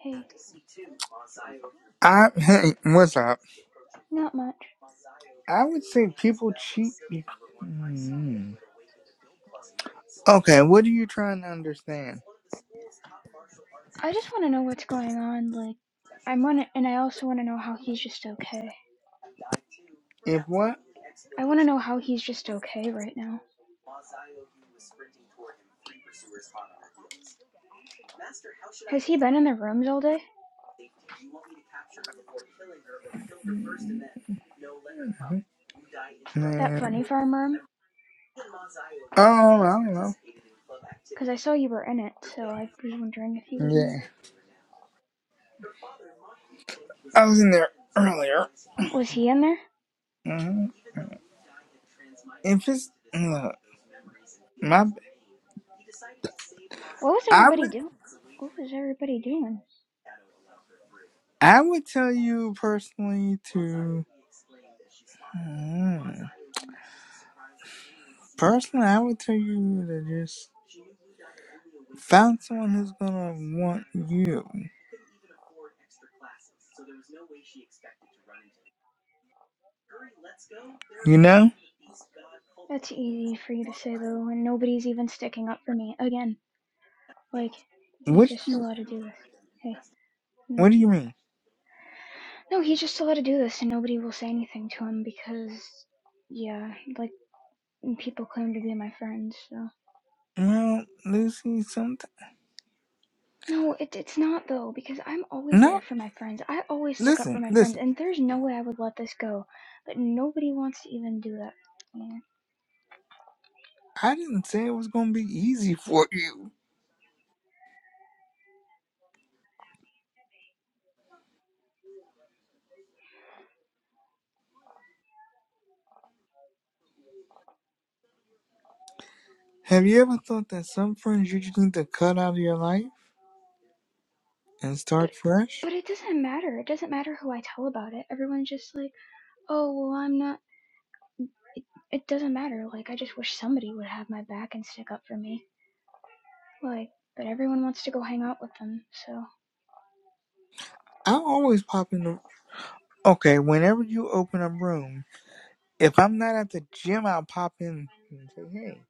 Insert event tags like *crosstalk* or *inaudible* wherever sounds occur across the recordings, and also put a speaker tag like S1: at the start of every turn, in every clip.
S1: Hey,
S2: I hey, what's up?
S1: not much.
S2: I would say people cheat. be- Mm. Okay, what are you trying to understand?
S1: I just want to know what's going on. Like, I want to, and I also want to know how he's just okay.
S2: If what?
S1: I want to know how he's just okay right now. Has he been in the rooms all day?
S2: Mm-hmm.
S1: That
S2: Man.
S1: funny farm room?
S2: Oh, I don't know.
S1: Because I saw you were in it, so I was wondering if he was in
S2: Yeah,
S1: there.
S2: I was in there earlier.
S1: Was he in there?
S2: hmm If it's look, my,
S1: What was
S2: I
S1: everybody
S2: would.
S1: doing? What was everybody doing?
S2: I would tell you personally to. Hmm. personally, I would tell you to just find someone who's gonna want you. You know?
S1: That's easy for you to say though, and nobody's even sticking up for me again. Like, he's
S2: What do
S1: just
S2: you
S1: allowed to do this. Hey,
S2: What do you mean?
S1: No, he's just allowed to do this, and nobody will say anything to him because, yeah, like people claim to be my friends. So
S2: Well, Lucy, sometimes
S1: no, it, it's not though because I'm always
S2: no.
S1: there for my friends. I always stick up for
S2: Listen,
S1: my friends,
S2: listen.
S1: and there's no way I would let this go. But nobody wants to even do that. Yeah.
S2: I didn't say it was gonna be easy for you. Have you ever thought that some friends you just need to cut out of your life? and
S1: But
S2: start fresh.
S1: but it doesn't matter. It doesn't matter who I tell about it. Everyone's just like, oh well, I'm not. It doesn't matter. Like I just wish somebody would have my back and stick up for me. Like, but everyone wants to go hang out with them. So.
S2: I always pop in the okay. Whenever you open a room, if I'm not at the gym, I'll pop in and say, "Hey,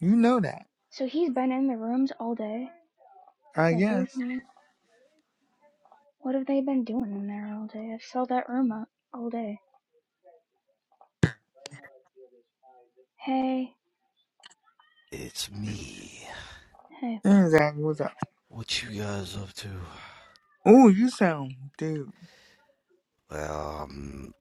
S2: you know that?"
S1: So he's been in the rooms all day?
S2: I
S1: Like
S2: guess.
S1: everything? What have they been doing in there all day? I saw that room up all day. Hey,
S3: It's me.
S1: hey.
S2: Hey, Zach, what's up?
S3: What you guys up to?
S2: Oh, you sound, dude.
S3: Well, I'm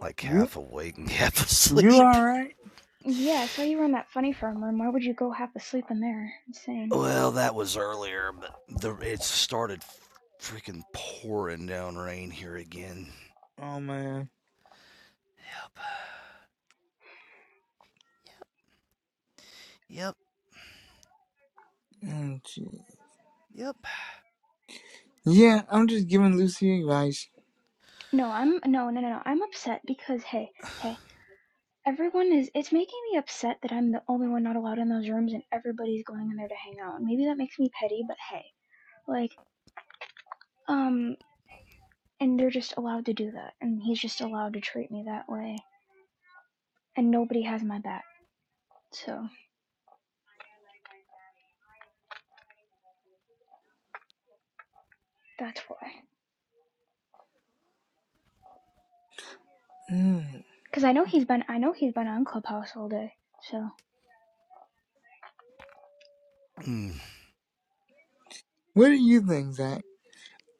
S3: like
S2: You
S3: half awake and *laughs* half
S2: you
S3: asleep.
S2: all right?
S1: Yeah, I saw you were in that funny farm room. Why would you go half asleep in there? Insane.
S3: Well, that was earlier, but the it started freaking pouring down rain here again.
S2: Oh man.
S3: Yep. Yep.
S2: Oh, gee.
S3: Yep. *sighs*
S2: yeah, I'm just giving Lucy advice.
S1: No, I'm no, no, no, no. I'm upset because hey, hey, everyone is. It's making me upset that I'm the only one not allowed in those rooms, and everybody's going in there to hang out. maybe that makes me petty, but hey, like, um, and they're just allowed to do that, and he's just allowed to treat me that way, and nobody has my back. So. That's why.
S2: Mm.
S1: Because I know he's been I know he's been on Clubhouse all day. So
S3: Mm.
S2: What do you think, Zach?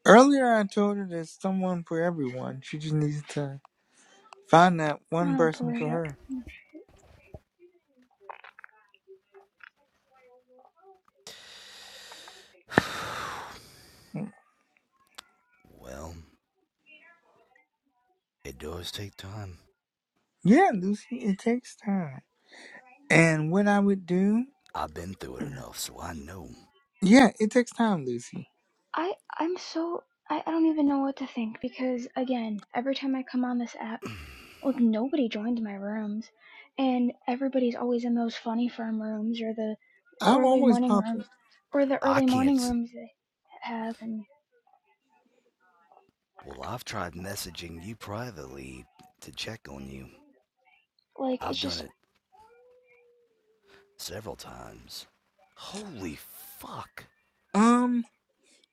S2: Earlier, I told her there's someone for everyone. She just needs to find that
S1: I
S2: one
S1: don't
S2: person
S1: believe
S2: for
S1: it.
S2: her. Mm.
S3: well, it does take time.
S2: Yeah, Lucy, it takes time. And what I would do,
S3: I've been through it enough, so I know.
S2: yeah, it takes time, Lucy.
S1: I I'm so I, I don't even know what to think because again, every time I come on this app, like nobody joined my rooms, and everybody's always in those funny farm rooms or the
S2: I'm
S1: early
S2: always
S1: morning room
S2: popping.
S1: or the
S3: I
S1: early
S3: can't.
S1: morning rooms they have, and
S3: Well, I've tried messaging you privately to check on you.
S1: like
S3: I've
S1: it's
S3: done
S1: just
S3: it Several times. Holy fuck.
S2: Um,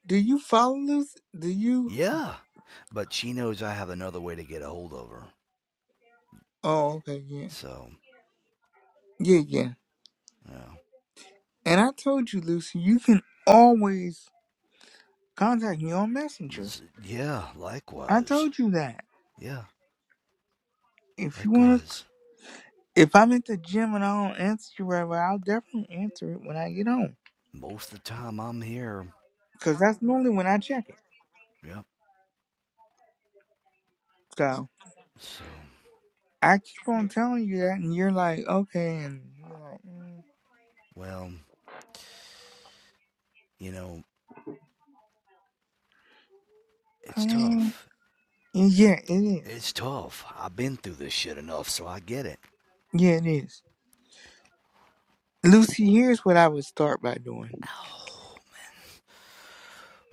S2: do you follow Lucy? Do you?
S3: Yeah. But she knows I have another way to get a hold of her.
S2: Oh, okay, yeah,
S3: So,
S2: yeah, yeah.
S3: yeah.
S2: And I told you, Lucy, you can always contact me on Messenger.
S3: This- yeah,
S2: I
S3: likewise.
S2: told you that.
S3: Yeah,
S2: If you want,
S3: likewise.
S2: if I'm at the gym and I don't answer you right away, I'll definitely answer it when I get home.
S3: Most of the time I'm here.
S2: Cause that's normally when I check it.
S3: Yep.
S2: So
S3: So,
S2: I keep on telling you that, and you're like, okay, and you're like, mm,
S3: well, you know, it's
S2: um,
S3: tough.
S2: yeah, it is.
S3: It's tough. I've been through this shit enough, so I get it.
S2: Yeah, it is. Lucy, here's what I would start by doing.
S3: Oh.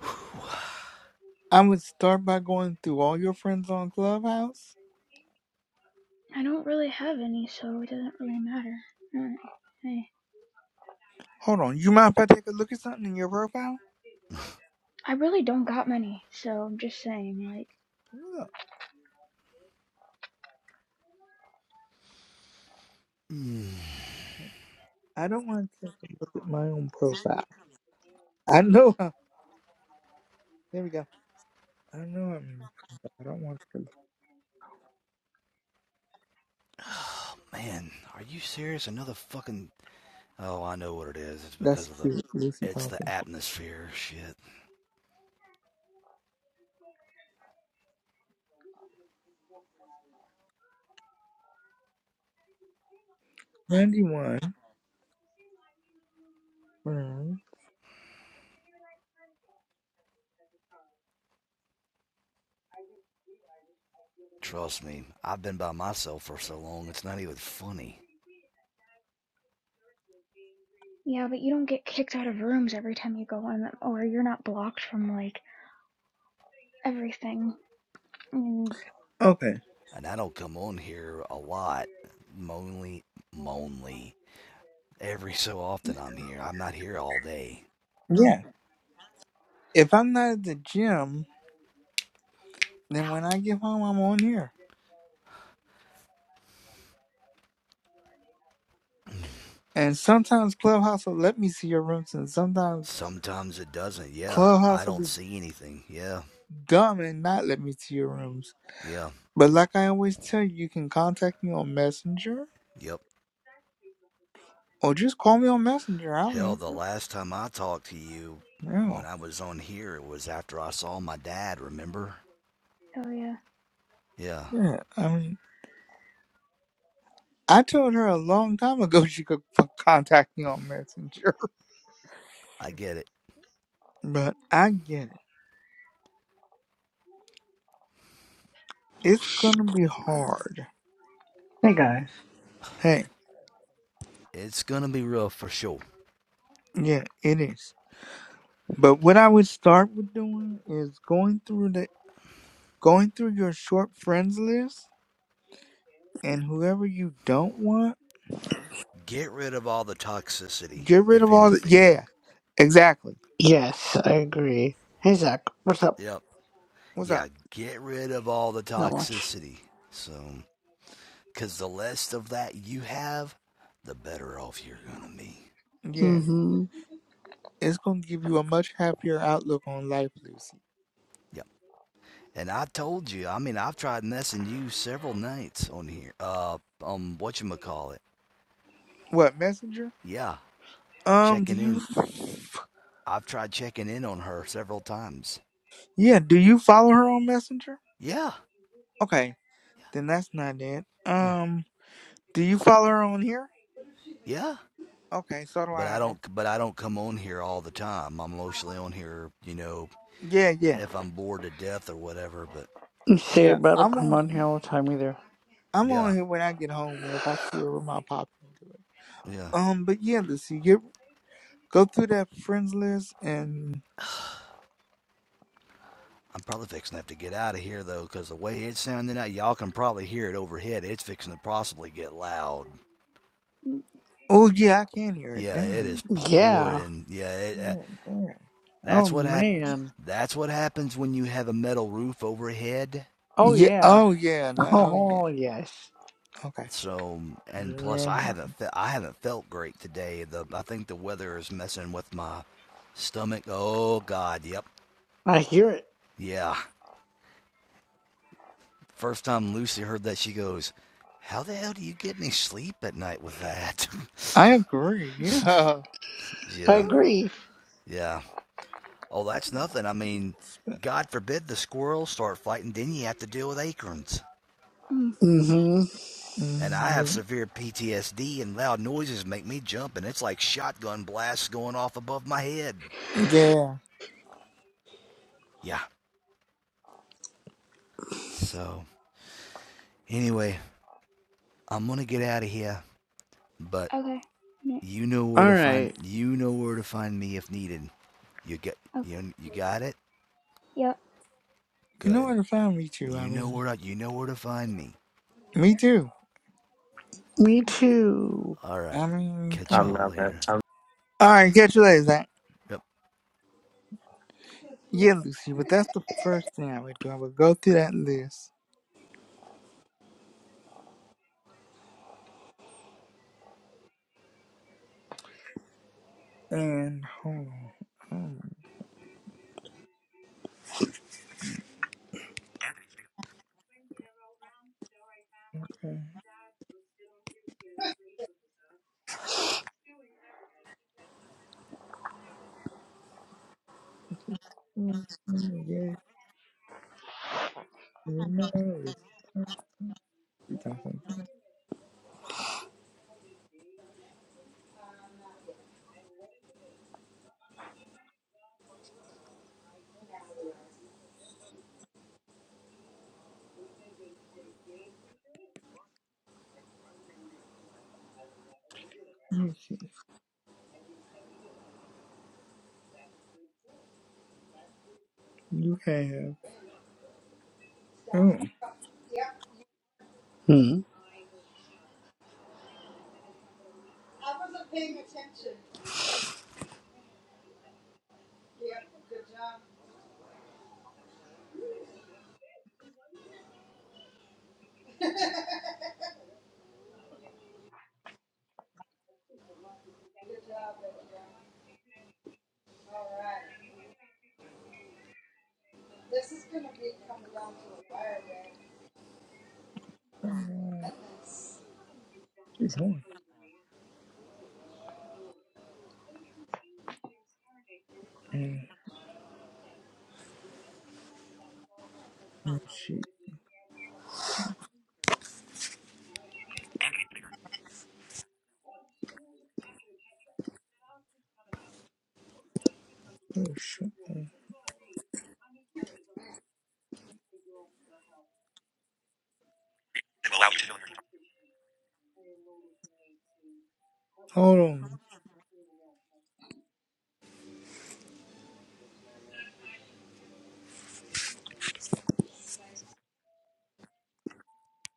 S3: *sighs*
S2: I would start by going through all your friends on Clubhouse.
S1: I don't really have any, so it doesn't really matter. I, do
S2: Hold on, you mind if I take a look at something in your profile?
S1: I really don't got many, so I'm just saying like.
S2: Let Look,
S3: Mm.
S2: I don't want to take a look at my own profile. I know. *laughs* how- There we go. I know I'm. I don't want to.
S3: Oh, man. Are you serious? Another fucking Oh, I know what it is. It's
S2: That's
S3: because of the
S2: cute, Lucy
S3: it's the
S2: Thompson.
S3: atmosphere shit.
S2: Ninety-one. friends.
S3: Trust me. I've been by myself for so long it's not even funny.
S1: Yeah, but you don't get kicked out of rooms every time you go in, or you're not blocked from like everything. Mm,
S2: Okay.
S3: And I don't come on here a lot. Only only every so often I'm here. I'm not here all day.
S2: Yeah. If I'm not at the gym, then when
S3: Ow.
S2: I get home, I'm on here. And sometimes Clubhouse will let me see your rooms, and sometimes
S3: Sometimes it doesn't. Yeah. I
S2: Clubhouse will
S3: don't
S2: be
S3: see anything. Yeah.
S2: dumb and not let me to your rooms.
S3: Yeah.
S2: But like I always tell you, you can contact me on Messenger
S3: Yep.
S2: or just call me on Messenger. I'll
S3: Hell, the
S2: answer.
S3: last time I talked to you
S2: No.
S3: when I was on here it was after I saw my dad, remember?
S1: oh yeah.
S3: Yeah.
S2: Yeah. I mean, I told her a long time ago *laughs* she could f- contact me on Messenger. *laughs*
S3: I get it.
S2: But I get it. It's going to be hard.
S4: Hey guys.
S2: Hey,
S3: It's going to be rough for sure.
S2: yeah, it is. But what I would start with doing is going through the going through your short friends list and whoever you don't want,
S3: Get rid of all the toxicity,
S2: get rid
S3: if
S2: of all the
S3: anything.
S2: Yeah, exactly.
S4: Yes, I agree. Hey Zach, what's up?
S3: Yep.
S2: What's up?
S3: Yeah, get rid of all the
S4: Not much.
S3: toxicity. So, because the less of that you have, the better off you're going to be.
S2: Yeah,
S4: Mm-hmm.
S2: it's gonna give you a much happier outlook on life, Lucy.
S3: Yep. And I told you, I mean, I've tried messing you several nights on here. Uh, um, whatchamacallit.
S2: What messenger?
S3: Yeah,
S2: Um, do
S3: checking
S2: you?
S3: in. I've tried checking in on her several times.
S2: Yeah, do you follow her on Messenger?
S3: Yeah.
S2: Okay, then that's not it.
S3: Yeah.
S2: Um, do you follow her on here?
S3: Yeah. Yeah.
S2: Okay, so do
S3: but
S2: I.
S3: I
S2: That's-
S3: don't but I don't come on here all the time. I'm mostly on here, you know,
S2: yeah, yeah,
S3: if I'm bored to death or whatever. But
S4: Say
S2: yeah.
S4: battle will
S2: I'm
S4: come
S2: on.
S4: on here all the time either.
S2: I'm on
S3: yeah,
S2: here when I get home, and if I see her with my pop, I do it.
S3: yeah.
S2: Um, but yeah, Lucy, get go through that friends list, and
S3: I'm probably fixing to have to get out of here though, 'cause the way it's sounding out, y'all can probably hear it overhead. It's fixing to possibly get loud.
S1: Mm,
S2: oh yeah, I can hear it.
S3: Yeah, it
S1: mm,
S2: Damn.
S3: is
S4: Yeah.
S3: pouring. Yeah, it, uh,
S2: Yeah, damn.
S4: Oh
S3: that's what hap-
S4: man.
S3: That's what happens when you have a metal roof overhead.
S4: Oh
S2: Yeah.
S4: yeah.
S2: Oh yeah. No,
S4: *laughs*
S2: oh yeah.
S4: Oh yes.
S2: Okay.
S3: So, and plus,
S2: Yeah,
S3: I haven't fe- I haven't felt great today. The I think the weather is messing with my stomach. Oh God, yep,
S4: I hear it.
S3: Yeah. First time Lucy heard that, she goes, How the hell do you get any sleep at night with that?
S2: I agree. Yeah.
S3: *laughs*
S4: I
S3: yeah.
S4: agree.
S3: Yeah. Oh, that's nothing. I mean, God forbid the squirrels start fighting, then you have to deal with acorns.
S1: mm.
S4: Mm-hmm.
S3: And I have
S2: Mhm.
S3: severe PTSD, and loud noises make me jump, and it's like shotgun blasts going off above my head.
S2: Yeah.
S3: Yeah. So, anyway, I'm going to get out of here, but
S1: Okay. Yeah,
S3: you know where to find
S4: Alright.
S3: you know where to find me if needed. You get
S1: okay.
S3: you you got it?
S1: Yep.
S2: You know
S3: Good.
S2: what? I found me too. I
S3: You know
S2: mean,
S3: where to, you know where to find me.
S2: me too.
S4: Me too.
S3: All right.
S2: I mean,
S3: Catch
S2: come
S5: I'm
S3: y'all
S2: on.
S5: not, man.
S3: later.
S5: I'm
S2: All right, catch you later, Zach.
S3: Yep.
S2: Yeah, Lucy, but that's the first thing I would do. I would go through that list and hold on. Oh, okay. Mhm, Yeah, you know, Lucy Thompson. You, see, you have. Oh,
S4: Hmm.
S2: uh, she's on. And she, oh, shit. Hold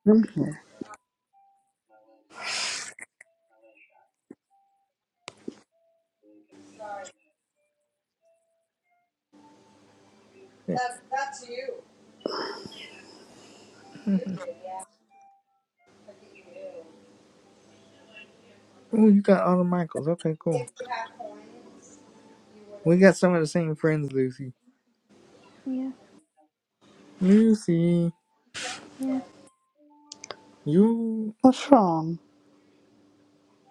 S4: Mhm.
S2: on. Oh, you got all the Michaels. Okay, cool. We got some of the same friends, Lucy.
S1: Yeah.
S2: Lucy,
S1: Yeah.
S2: you
S4: What's wrong?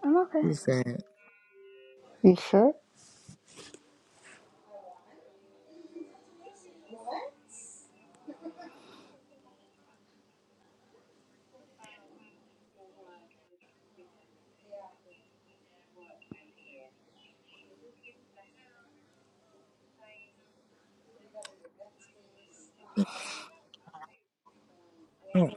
S1: I'm okay.
S2: is that?
S4: You sure?
S2: Oh.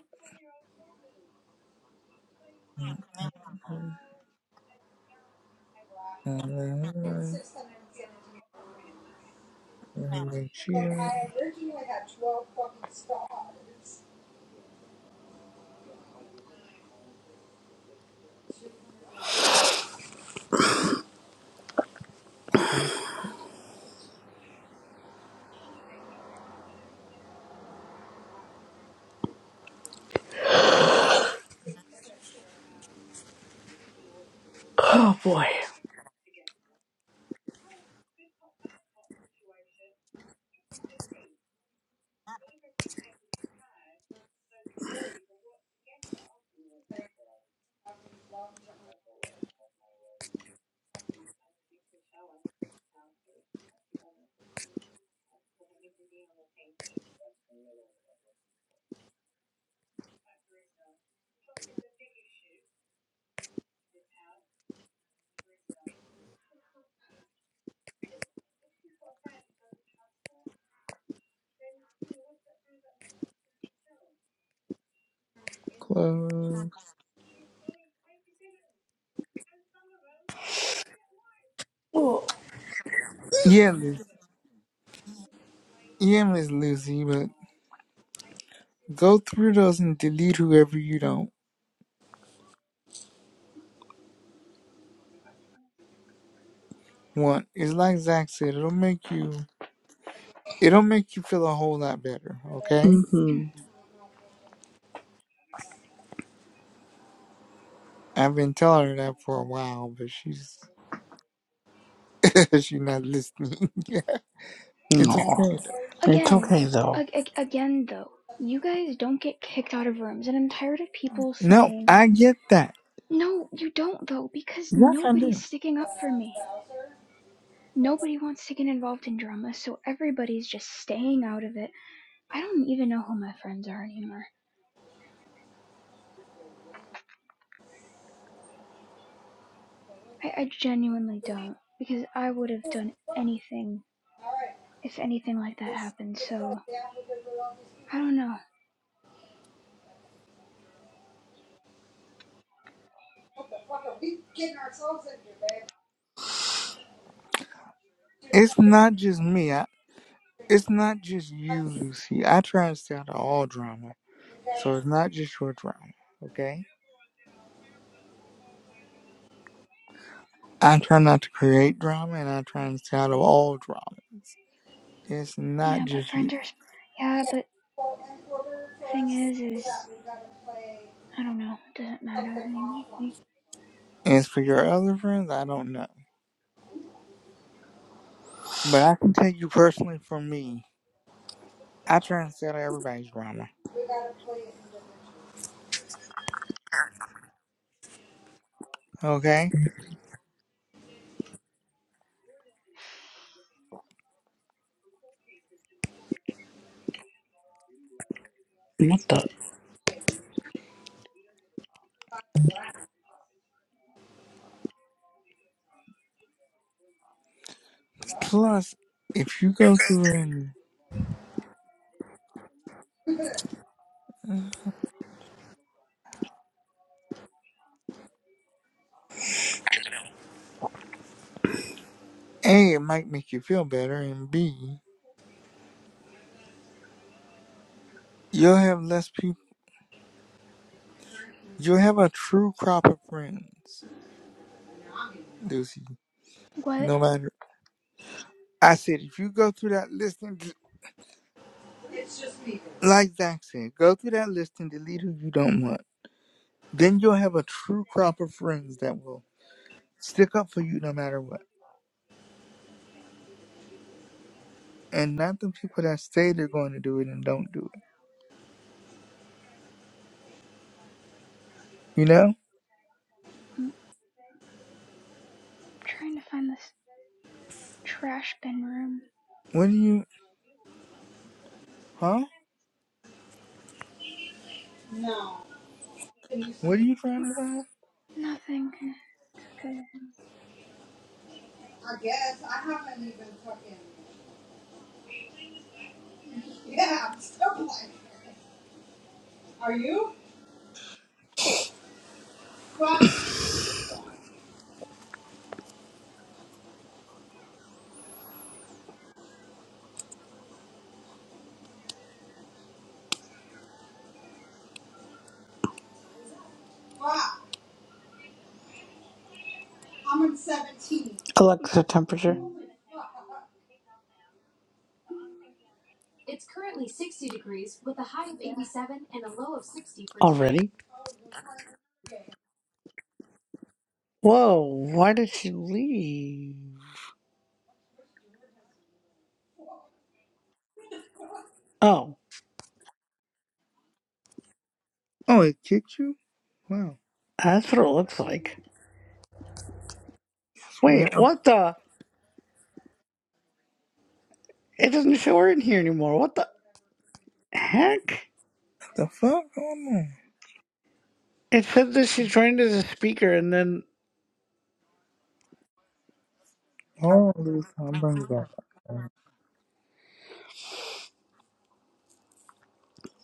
S4: Oh boy.
S2: Close. Yeah, Lucy. Yeah, Miss Lucy, but go through those and delete whoever you don't want. It's like Zach said, it'll make you it'll make you feel a whole lot better, okay?
S1: Mm.
S4: Mm-hmm.
S2: I've been telling her that for a while, but she's *laughs* she's not listening. *laughs* Yeah. it's
S4: No.
S2: okay.
S4: It's
S1: Again,
S4: okay though.
S1: ag- again though, you guys don't get kicked out of rooms, and I'm tired of people
S2: No,
S1: saying
S2: I get that.
S1: no. You don't though, because
S2: Yes, I
S1: nobody's
S2: do.
S1: sticking up for me. Nobody wants to get involved in drama, so everybody's just staying out of it. I don't even know who my friends are anymore. I, I genuinely don't because I would have done anything if anything like that happened. So I don't know.
S2: It's not just me. I, it's not just you, Lucy. I try to stay out of all drama. So it's not just your drama, okay? I try not to create drama and I try and stay out of all dramas. It's not
S1: Yeah, but
S2: just you.
S1: friends are. s- Yeah, but thing is, is I don't know. It doesn't matter anymore.
S2: As for your other friends, I don't know. But I can tell you personally for me, I try and stay out of everybody's drama, okay?
S4: What the
S2: Plus, if you go through and A, it might make you feel better, and B, You'll have less people. You'll have a true crop of friends, Lucy.
S1: What?
S2: No matter. I said, if you go through that list and, d- like Zach said, go through that list and delete who you don't want, then you'll have a true crop of friends that will stick up for you no matter what. And not the people that say they're going to do it and don't do it. You know?
S1: I'm trying to find this trash bin room.
S2: What are you, huh? What are you trying to find?
S1: Nothing. It's okay.
S4: Alexa temperature? Already? Whoa, why did she leave? Oh,
S2: Oh, it kicked you? Wow.
S4: that's what it looks like.
S2: Swear,
S4: Wait,
S2: I'm-
S4: what the? It doesn't show her in here anymore. What the heck?
S2: the fuck going on?
S4: It said that she joined as a speaker and then.
S2: Hold on, Lucy. I'm bringing it back.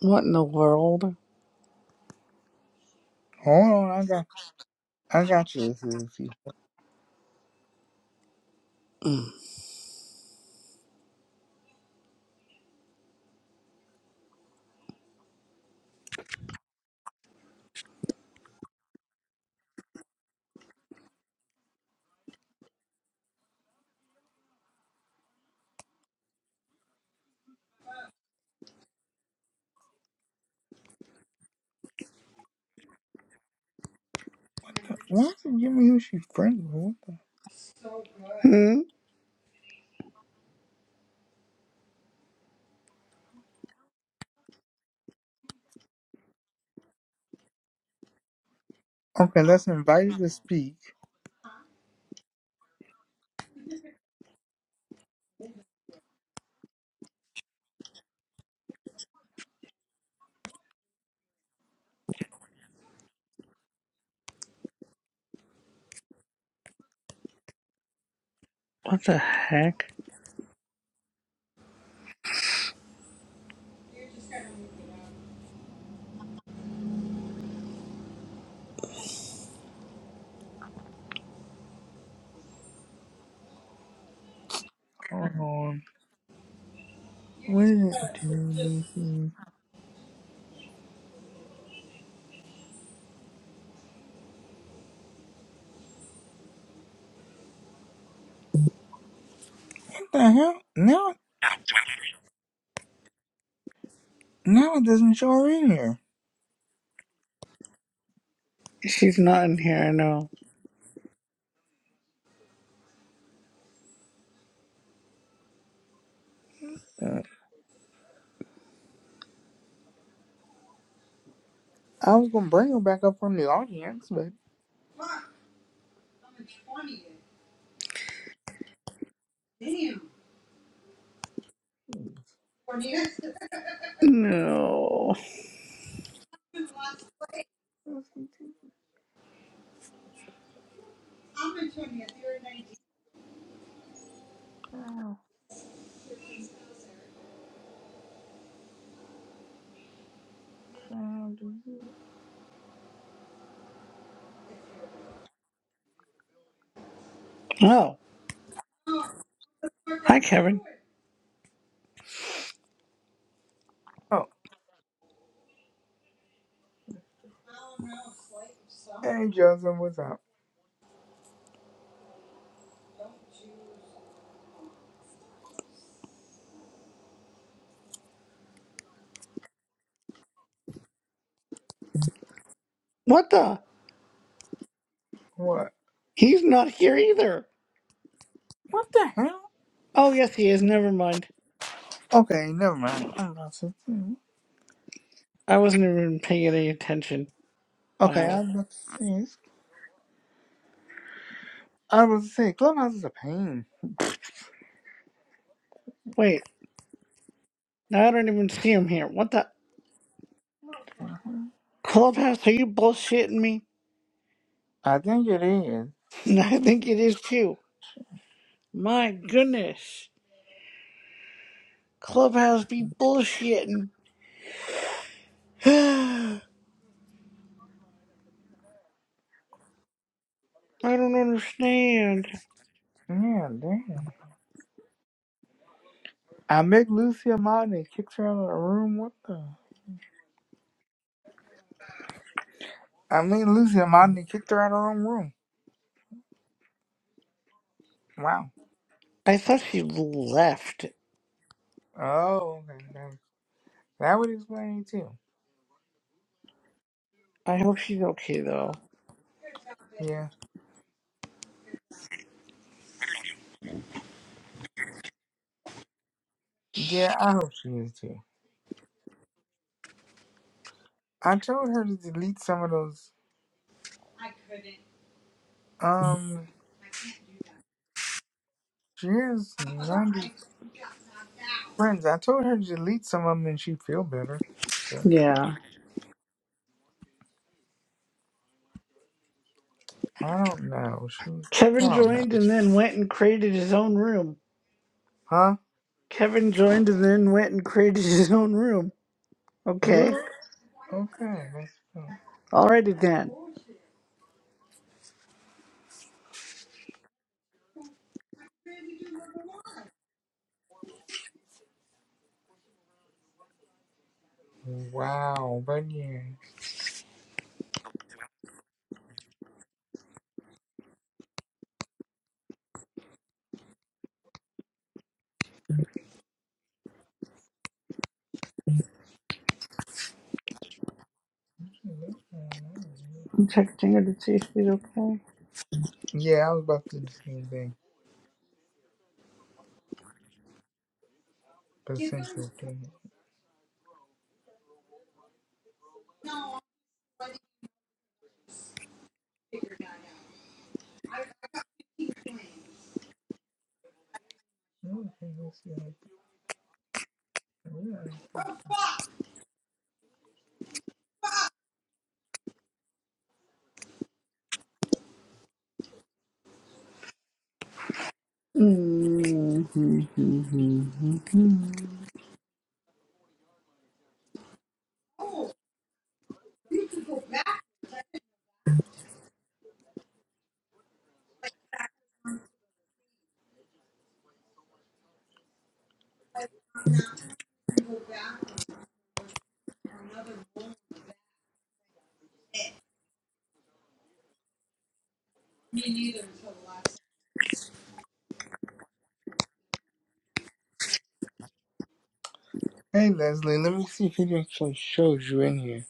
S4: What in the world?
S2: Hold on, I got I got you, Susie.
S4: Mm.
S2: Why is it giving me who she's friends with? What the-
S4: Hmm?
S2: Okay, let's invite her to speak.
S4: What the heck?
S2: Hold on. What did it do, Lucy? What the hell? Now, now it doesn't show her in here.
S4: She's not in here, I know.
S2: Uh, I was gonna bring her back up from the audience, but.
S4: No.
S2: Oh, child, do you-
S4: Oh. Hi, Kevin.
S2: oh, hey, Joseph, what's up?
S4: What the?
S2: What?
S4: He's not here either.
S2: What the hell?
S4: Oh, yes, he is. Never mind.
S2: Okay, never mind. I'm about to see.
S4: I wasn't even paying any attention.
S2: Okay, I
S4: Wow.
S2: was about to say, I was about to say, Clubhouse is a pain.
S4: Wait, now I don't even see him here. What the? Clubhouse, are you bullshitting me?
S2: I think it is.
S4: *laughs* I think it is too. My goodness. Clubhouse be bullshitting. *sighs* I don't understand.
S2: Yeah, damn. I make Lucy Amani and kicked her out of the room. What the? I mean, Lucy Amani kicked her out of her own room. Wow.
S4: I thought she left.
S2: Oh, okay. That, that would explain it too.
S4: I hope she's okay though.
S2: Yeah. Yeah, I hope she is too. I told her to delete some of those. Um, she has 90 friends. I told her to delete some of them and she'd feel better. But
S4: Yeah.
S2: I don't know. She, I
S4: Kevin
S2: don't know.
S4: joined and then went and created his own room.
S2: Huh?
S4: Kevin joined and then went and created his own room. Okay.
S2: Bruh. Okay. That's, uh,
S4: Alrighty then.
S2: wow. But yeah.
S4: I'm texting her to see if she's okay.
S2: Yeah, I was about to do the same thing, but since you're doing it. Okay, let's see how it goes. Alright.
S4: Mm-hmm.
S2: Hey Leslie, let me see if it actually shows you in here.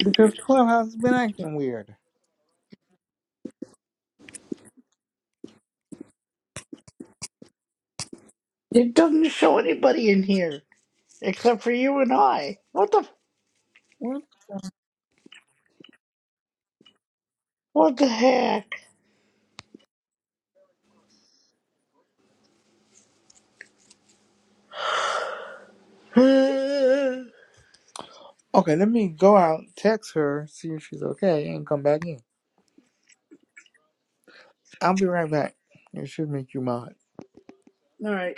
S2: Because Clubhouse has been acting weird.
S4: It doesn't show anybody in here except for you and I. What the
S2: What?
S4: what the heck? *sighs* All
S2: Okay, let me go out, text her, see if she's okay, and come back in. I'll be right back. It should make you mad.
S4: right.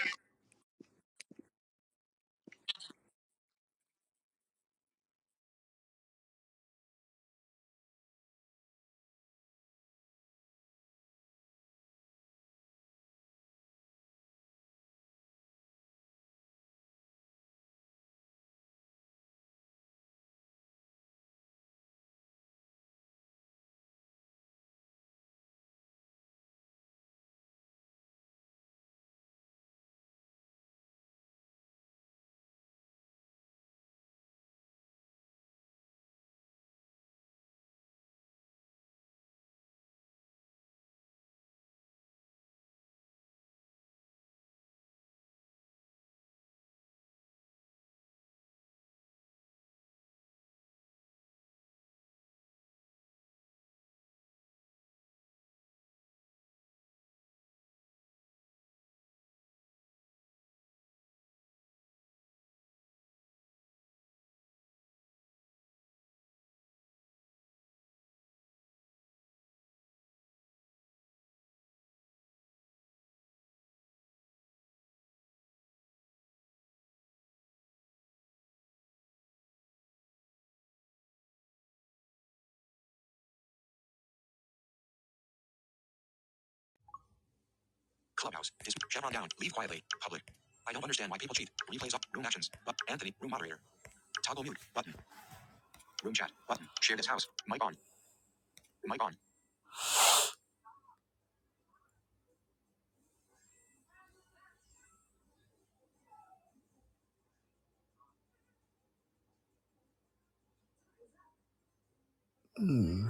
S4: Hmm.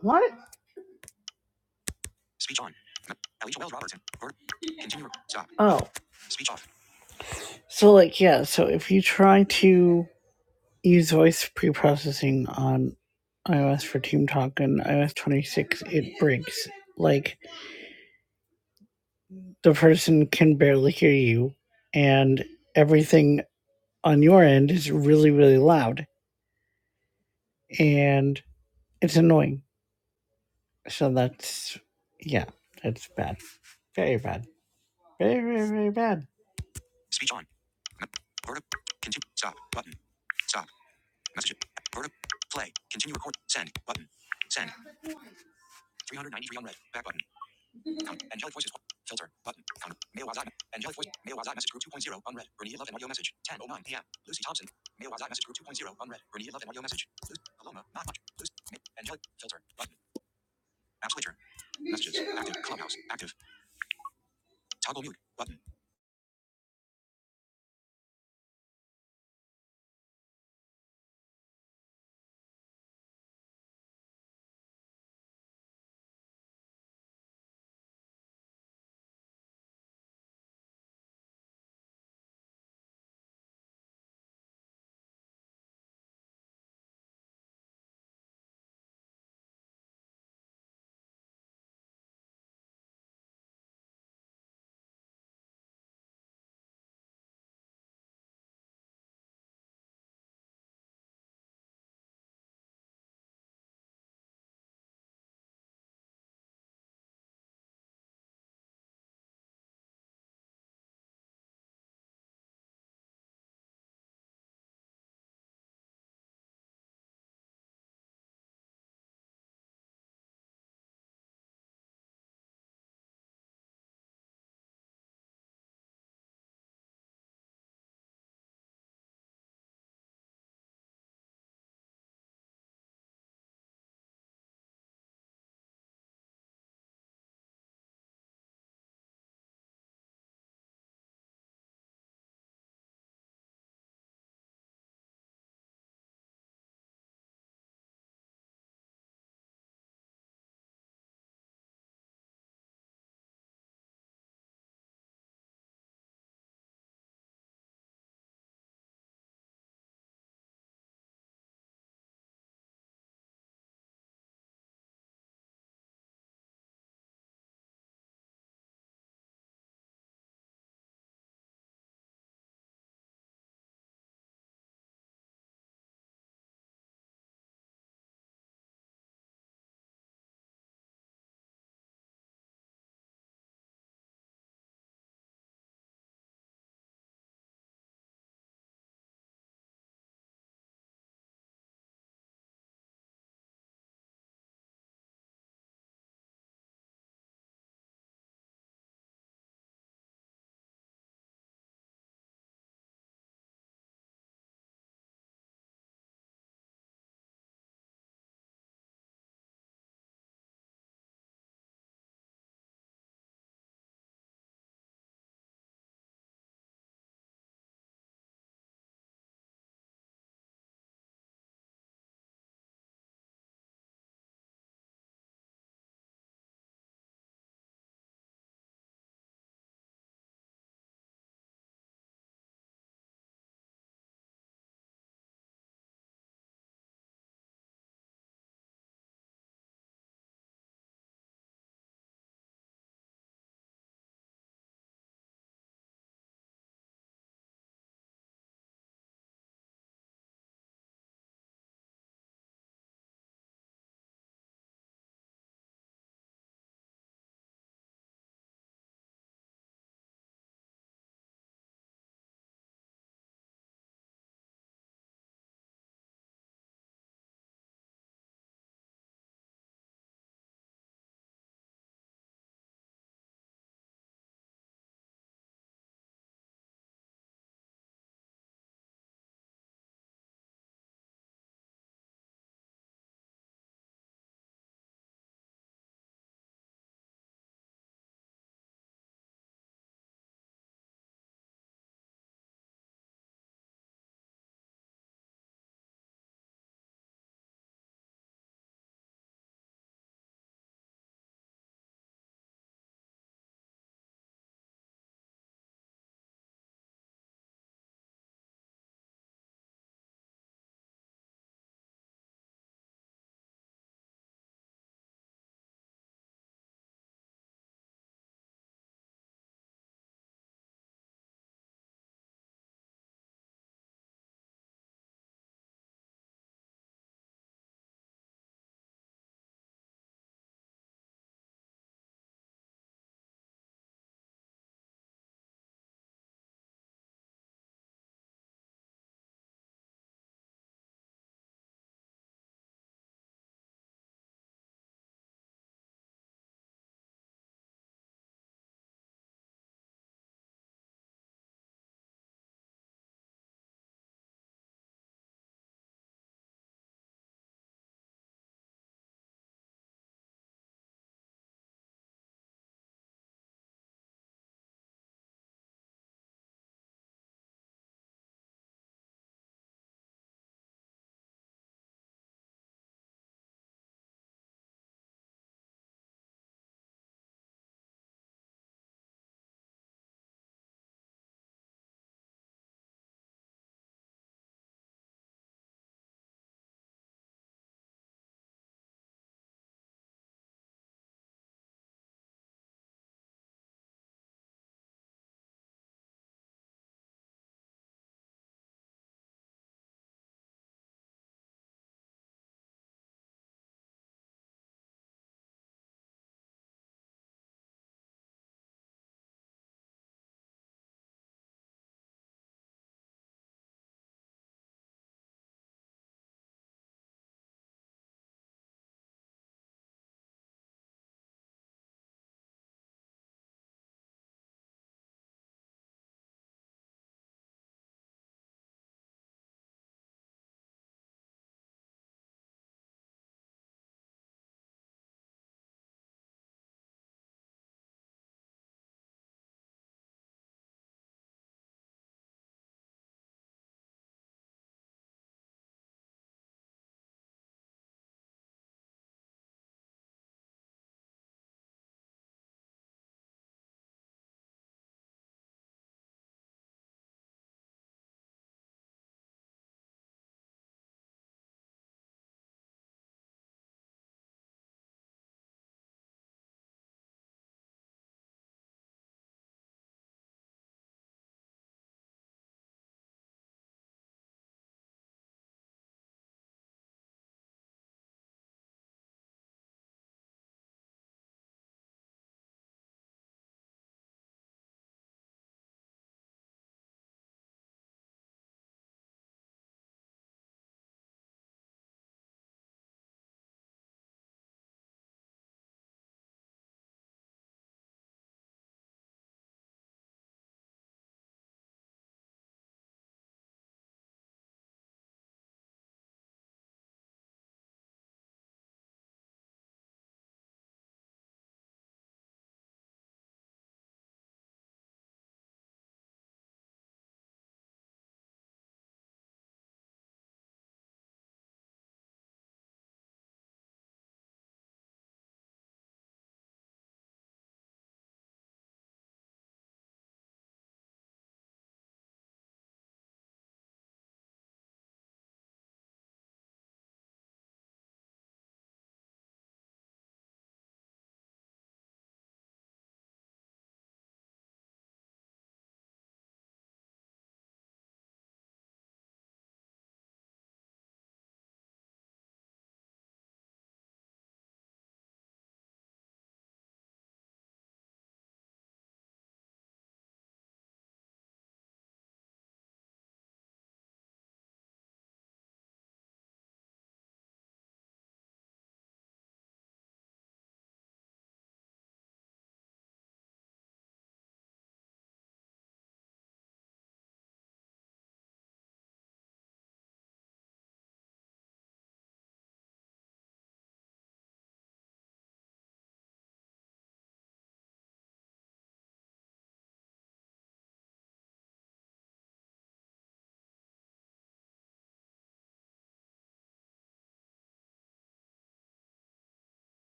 S4: What? Oh, so like yeah. So if you try to use voice pre-processing on iOS for Team Talk and iOS 26, it breaks. Like the person can barely hear you, and everything on your end is really really loud and it's annoying so that's yeah that's bad very bad very very very bad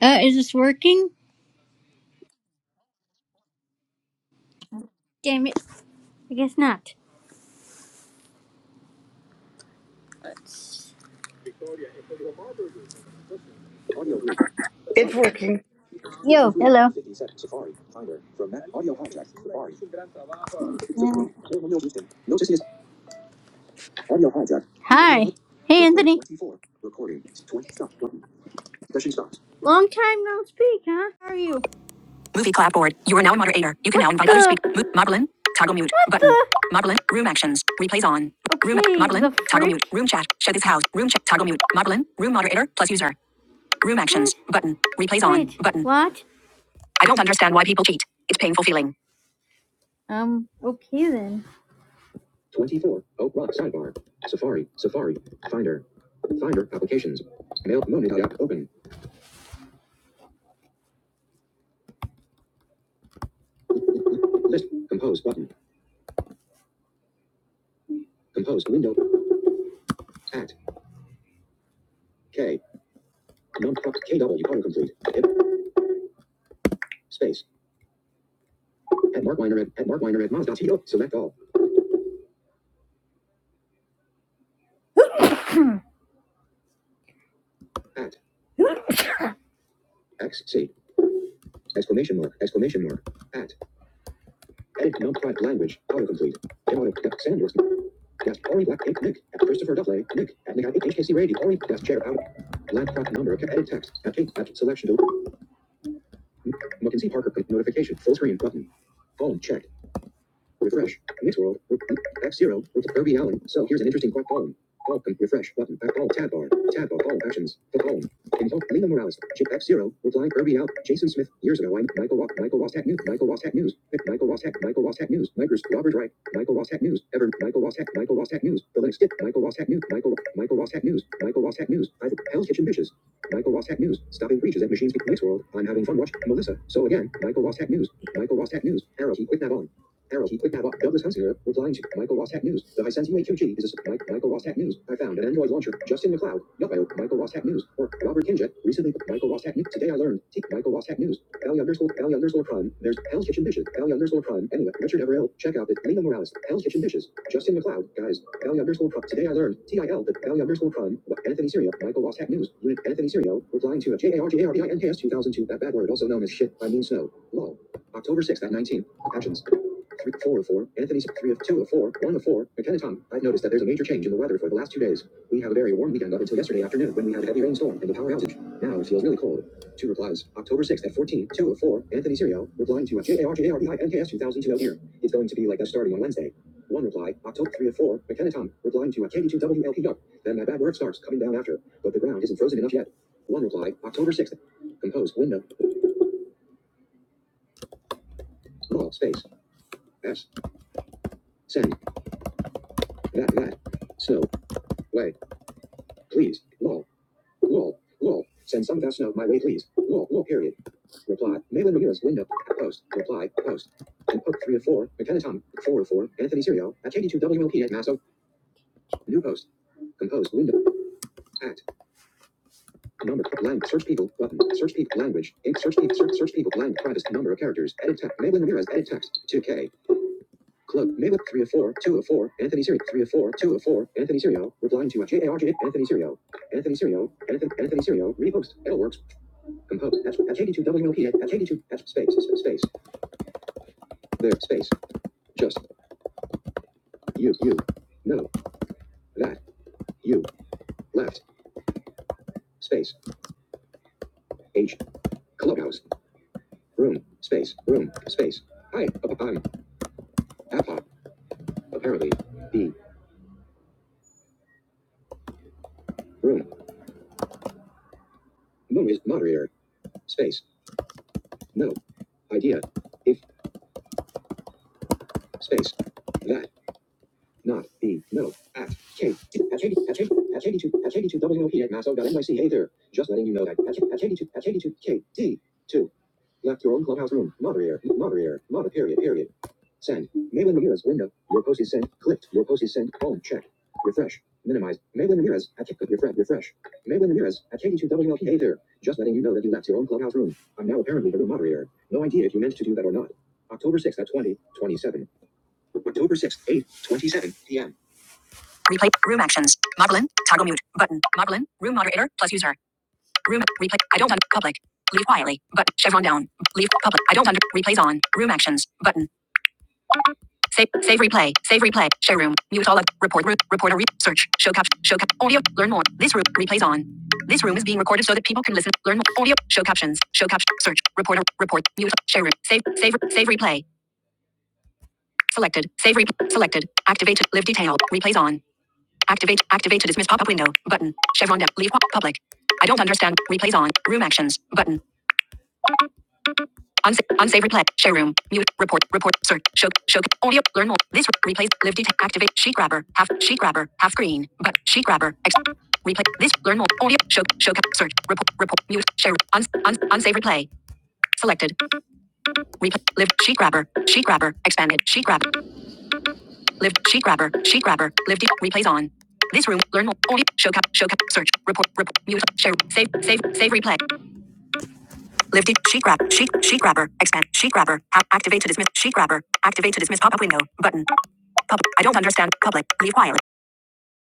S6: Uh, is this working? Damn it. I guess not. Audio.
S4: it's working
S6: Yo, hello. Um, Hi. Hey, Anthony. twenty-four. Recording. Stop. Session stopped. Long time no speak, huh? How are you? Movie clapboard. You are now a moderator. You can now invite other speakers. Mo- Modelin. Toggle mute. button. The? Modelin. Room actions. Replays on. Okay, room. Modelin. Toggle mute. Room chat. Shut this house. Room chat. Toggle mute. Modelin. Room moderator. Plus user. Room actions button. Replays on Wait, button. what? I don't understand why people cheat. It's painful feeling. Um, okay then. 24. Oak Rock sidebar. Safari. Safari. Finder. Finder applications. Mail. Monad app open. List. Compose button. Compose window. At. K. Num. KW autocomplete. Hip. Space. At Mark Weiner at, at Mark Weiner at Moz. Moz.to. Select all. At. XC. Exclamation mark. Exclamation mark. At. Edit. Num. Language. Autocomplete. Auto. Desk Ori Black Ink Nick. at Christopher Duffley Nick. At Nick HKC Radio Ori. Desk Chair Out. Laptop number. Edit text. At Kate. At selection. Muck and Mackenzie Parker. Notification. Full screen button. Phone check. Refresh. Mix world. F zero. Herbie Allen. So here's an interesting quote column. Welcome. Refresh button. Back all tab bar. Tab bar. All actions. The poem. Invoke Lena Morales. Chip F zero. Reply Herbie out. Jason Smith. Years ago. I Michael Ross. Michael Ross Tech News. Michael Ross Tech News. Michael Ross Tech. Michael Ross Tech News. Micros. Robert Wright. Michael Ross Tech News. Ever. Michael Ross Tech. Michael Ross Tech News. The Linux Dip. Michael Ross Tech News. Michael. Michael Ross Tech News. Michael Ross Tech News. I've Hell's Kitchen Dishes. Michael Ross Tech News. Stopping breaches at machines. Next world. I'm having fun watching Melissa. So again. Michael Ross Tech News. Michael Ross Tech News. Arrow key. Click that on. Arrow key. Quick tab. Douglas Hunsinger replying to Michael Ross Tech News. The Hisense AQG is a Michael Ross Tech News. I found an Android launcher. Justin McLeod. Yellow. Michael Ross Tech News. Or Robert Kinjet. Recently. Michael Ross Tech News. Today I learned. T. Michael Ross Tech News. Ellie underscore Ellie underscore prime. There's Hell's Kitchen Dishes. Ellie underscore prime. Anyway. Richard Everill. Check out the Nina Morales. Hell's Kitchen Dishes. Justin McLeod. Guys. Ellie underscore prime. Today I learned. TIL. The Ellie underscore prime. What? Anthony Serio. Michael Ross Tech News. Unit Anthony Serio. Replying to a 2002. That bad word also known as shit. I mean snow. Lol. October 6th at 19. Actions. Three, four of four. Anthony's three of two of four. One of four. McKenna Tom. I've noticed that there's a major change in the weather for the last two days. We have a very warm weekend up until yesterday afternoon when we had a heavy rainstorm and a power outage. Now it feels really cold. Two replies. October 6th at fourteen, two of four. Anthony Serio replying to a JARJARBINKS 2002 Oh It's going to be like that starting on Wednesday. One reply. October 3 of 4. McKenna Tom replying to a KD2WLP yuck. Then my bad work starts coming down after. But the ground isn't frozen enough yet. One reply. October 6th. Compose window. Small space. S. Send. That that. Snow. Way. Please. Lol. Lol. Lol. Send some fast note my way, please. Lol. Lol. Period. Reply. Malin Ramirez. Window. Post. Reply. Post. And poke 3 of 4. McKenna Tom. 4 of 4. Anthony Serio. At KD2WLP at Masso. New post. Compose. Window. At Number. Blank. Search people. Button. Search people. Language. Ink. Search people. Search, search people. Blank. Privacy. Number of characters. Edit text. Malin Ramirez. Edit text. 2K. Club. Malin. 3 of 4. 2 of 4. Anthony Serio. 3 of 4. 2 of 4. Anthony Serio. Replying to a J A R J Anthony Serio. Anthony Serio. Anthony, Anthony Serio. Repost. L works. Compose. That's, that's 82 WLP. That's 82. That's space. Space. space. There. Space. Just. You. You. No. That. You. Left. Space. H. Clubhouse. Room. Space. Room. Space. Hi. I'm. App. Apparently. B. Room. Moon is moderator. Space. No. Idea. If. Space. That. Not B. No. At K. At 82. At 82. At 82. At 82. WOP at masso.nyc. Hey there. Just letting you know that at 82. At 82. K. D. 2. Left your own clubhouse room. Moderator. Moderator. Mod. Period. Period. Send. Maylin Ramirez window. Your post is sent. Clicked. Your post is sent. Home. Check. Refresh. Minimize. Maylin Ramirez at K. Refresh. Refresh. Malin Ramirez at 82. WLP. Hey there. Just letting you know that you left your own clubhouse room. I'm now apparently the room moderator. No idea if you meant to do that or not. October 6th at 20 27. October 6th, 27 p.m. Replay. Room actions. Modelin. Toggle mute. Button. Modelin. Room moderator plus user. Room. Replay. I don't under. Public. Leave quietly. But chevron down. Leave public. I don't under. Replays on. Room actions. Button. Save. Save replay. Save replay. Share room. Mute all. of- Report room. Reporter. Re- search. Show cap. Show cap. Audio. Learn more. This room. Replays on. This room is being recorded so that people can listen. Learn more. Audio. Show captions. Show cap. Search. Reporter. Report. Mute. Share room. Save. Save. Save replay. Selected. Save replay. Selected. Activate. Live detail. Replays on. Activate. Activate to dismiss pop-up window. Button. Chevron depth. Leave Public. I don't understand. Replays on. Room actions. Button. Unsa- unsave replay. Share room. Mute. Report. Report. Search. Show. Show. Audio. Learn more. This re- replays. Live detail. Activate. Sheet grabber. Half. Sheet grabber. Half screen. But sheet grabber. Ex- replay. This. Learn more. Audio. Show. Show. Search. Report. Report. Mute. Share. Uns- uns- unsave replay. Selected. Replay. Live. Sheet grabber. Sheet grabber. Expanded. Sheet grabber. Live sheet grabber. Sheet grabber. Live deep. Replays on. This room. Learn more. Audio. Show cap. Show cap. Search. Report. Report. Mute. Share. Save. Save. Save. Replay. Live deep. Sheet grab. Sheet. Sheet grabber. Expand. Sheet grabber. Ha- activate to dismiss. Sheet grabber. Activate to dismiss. Pop up window. Button. Pub. I don't understand. Public. Leave quiet.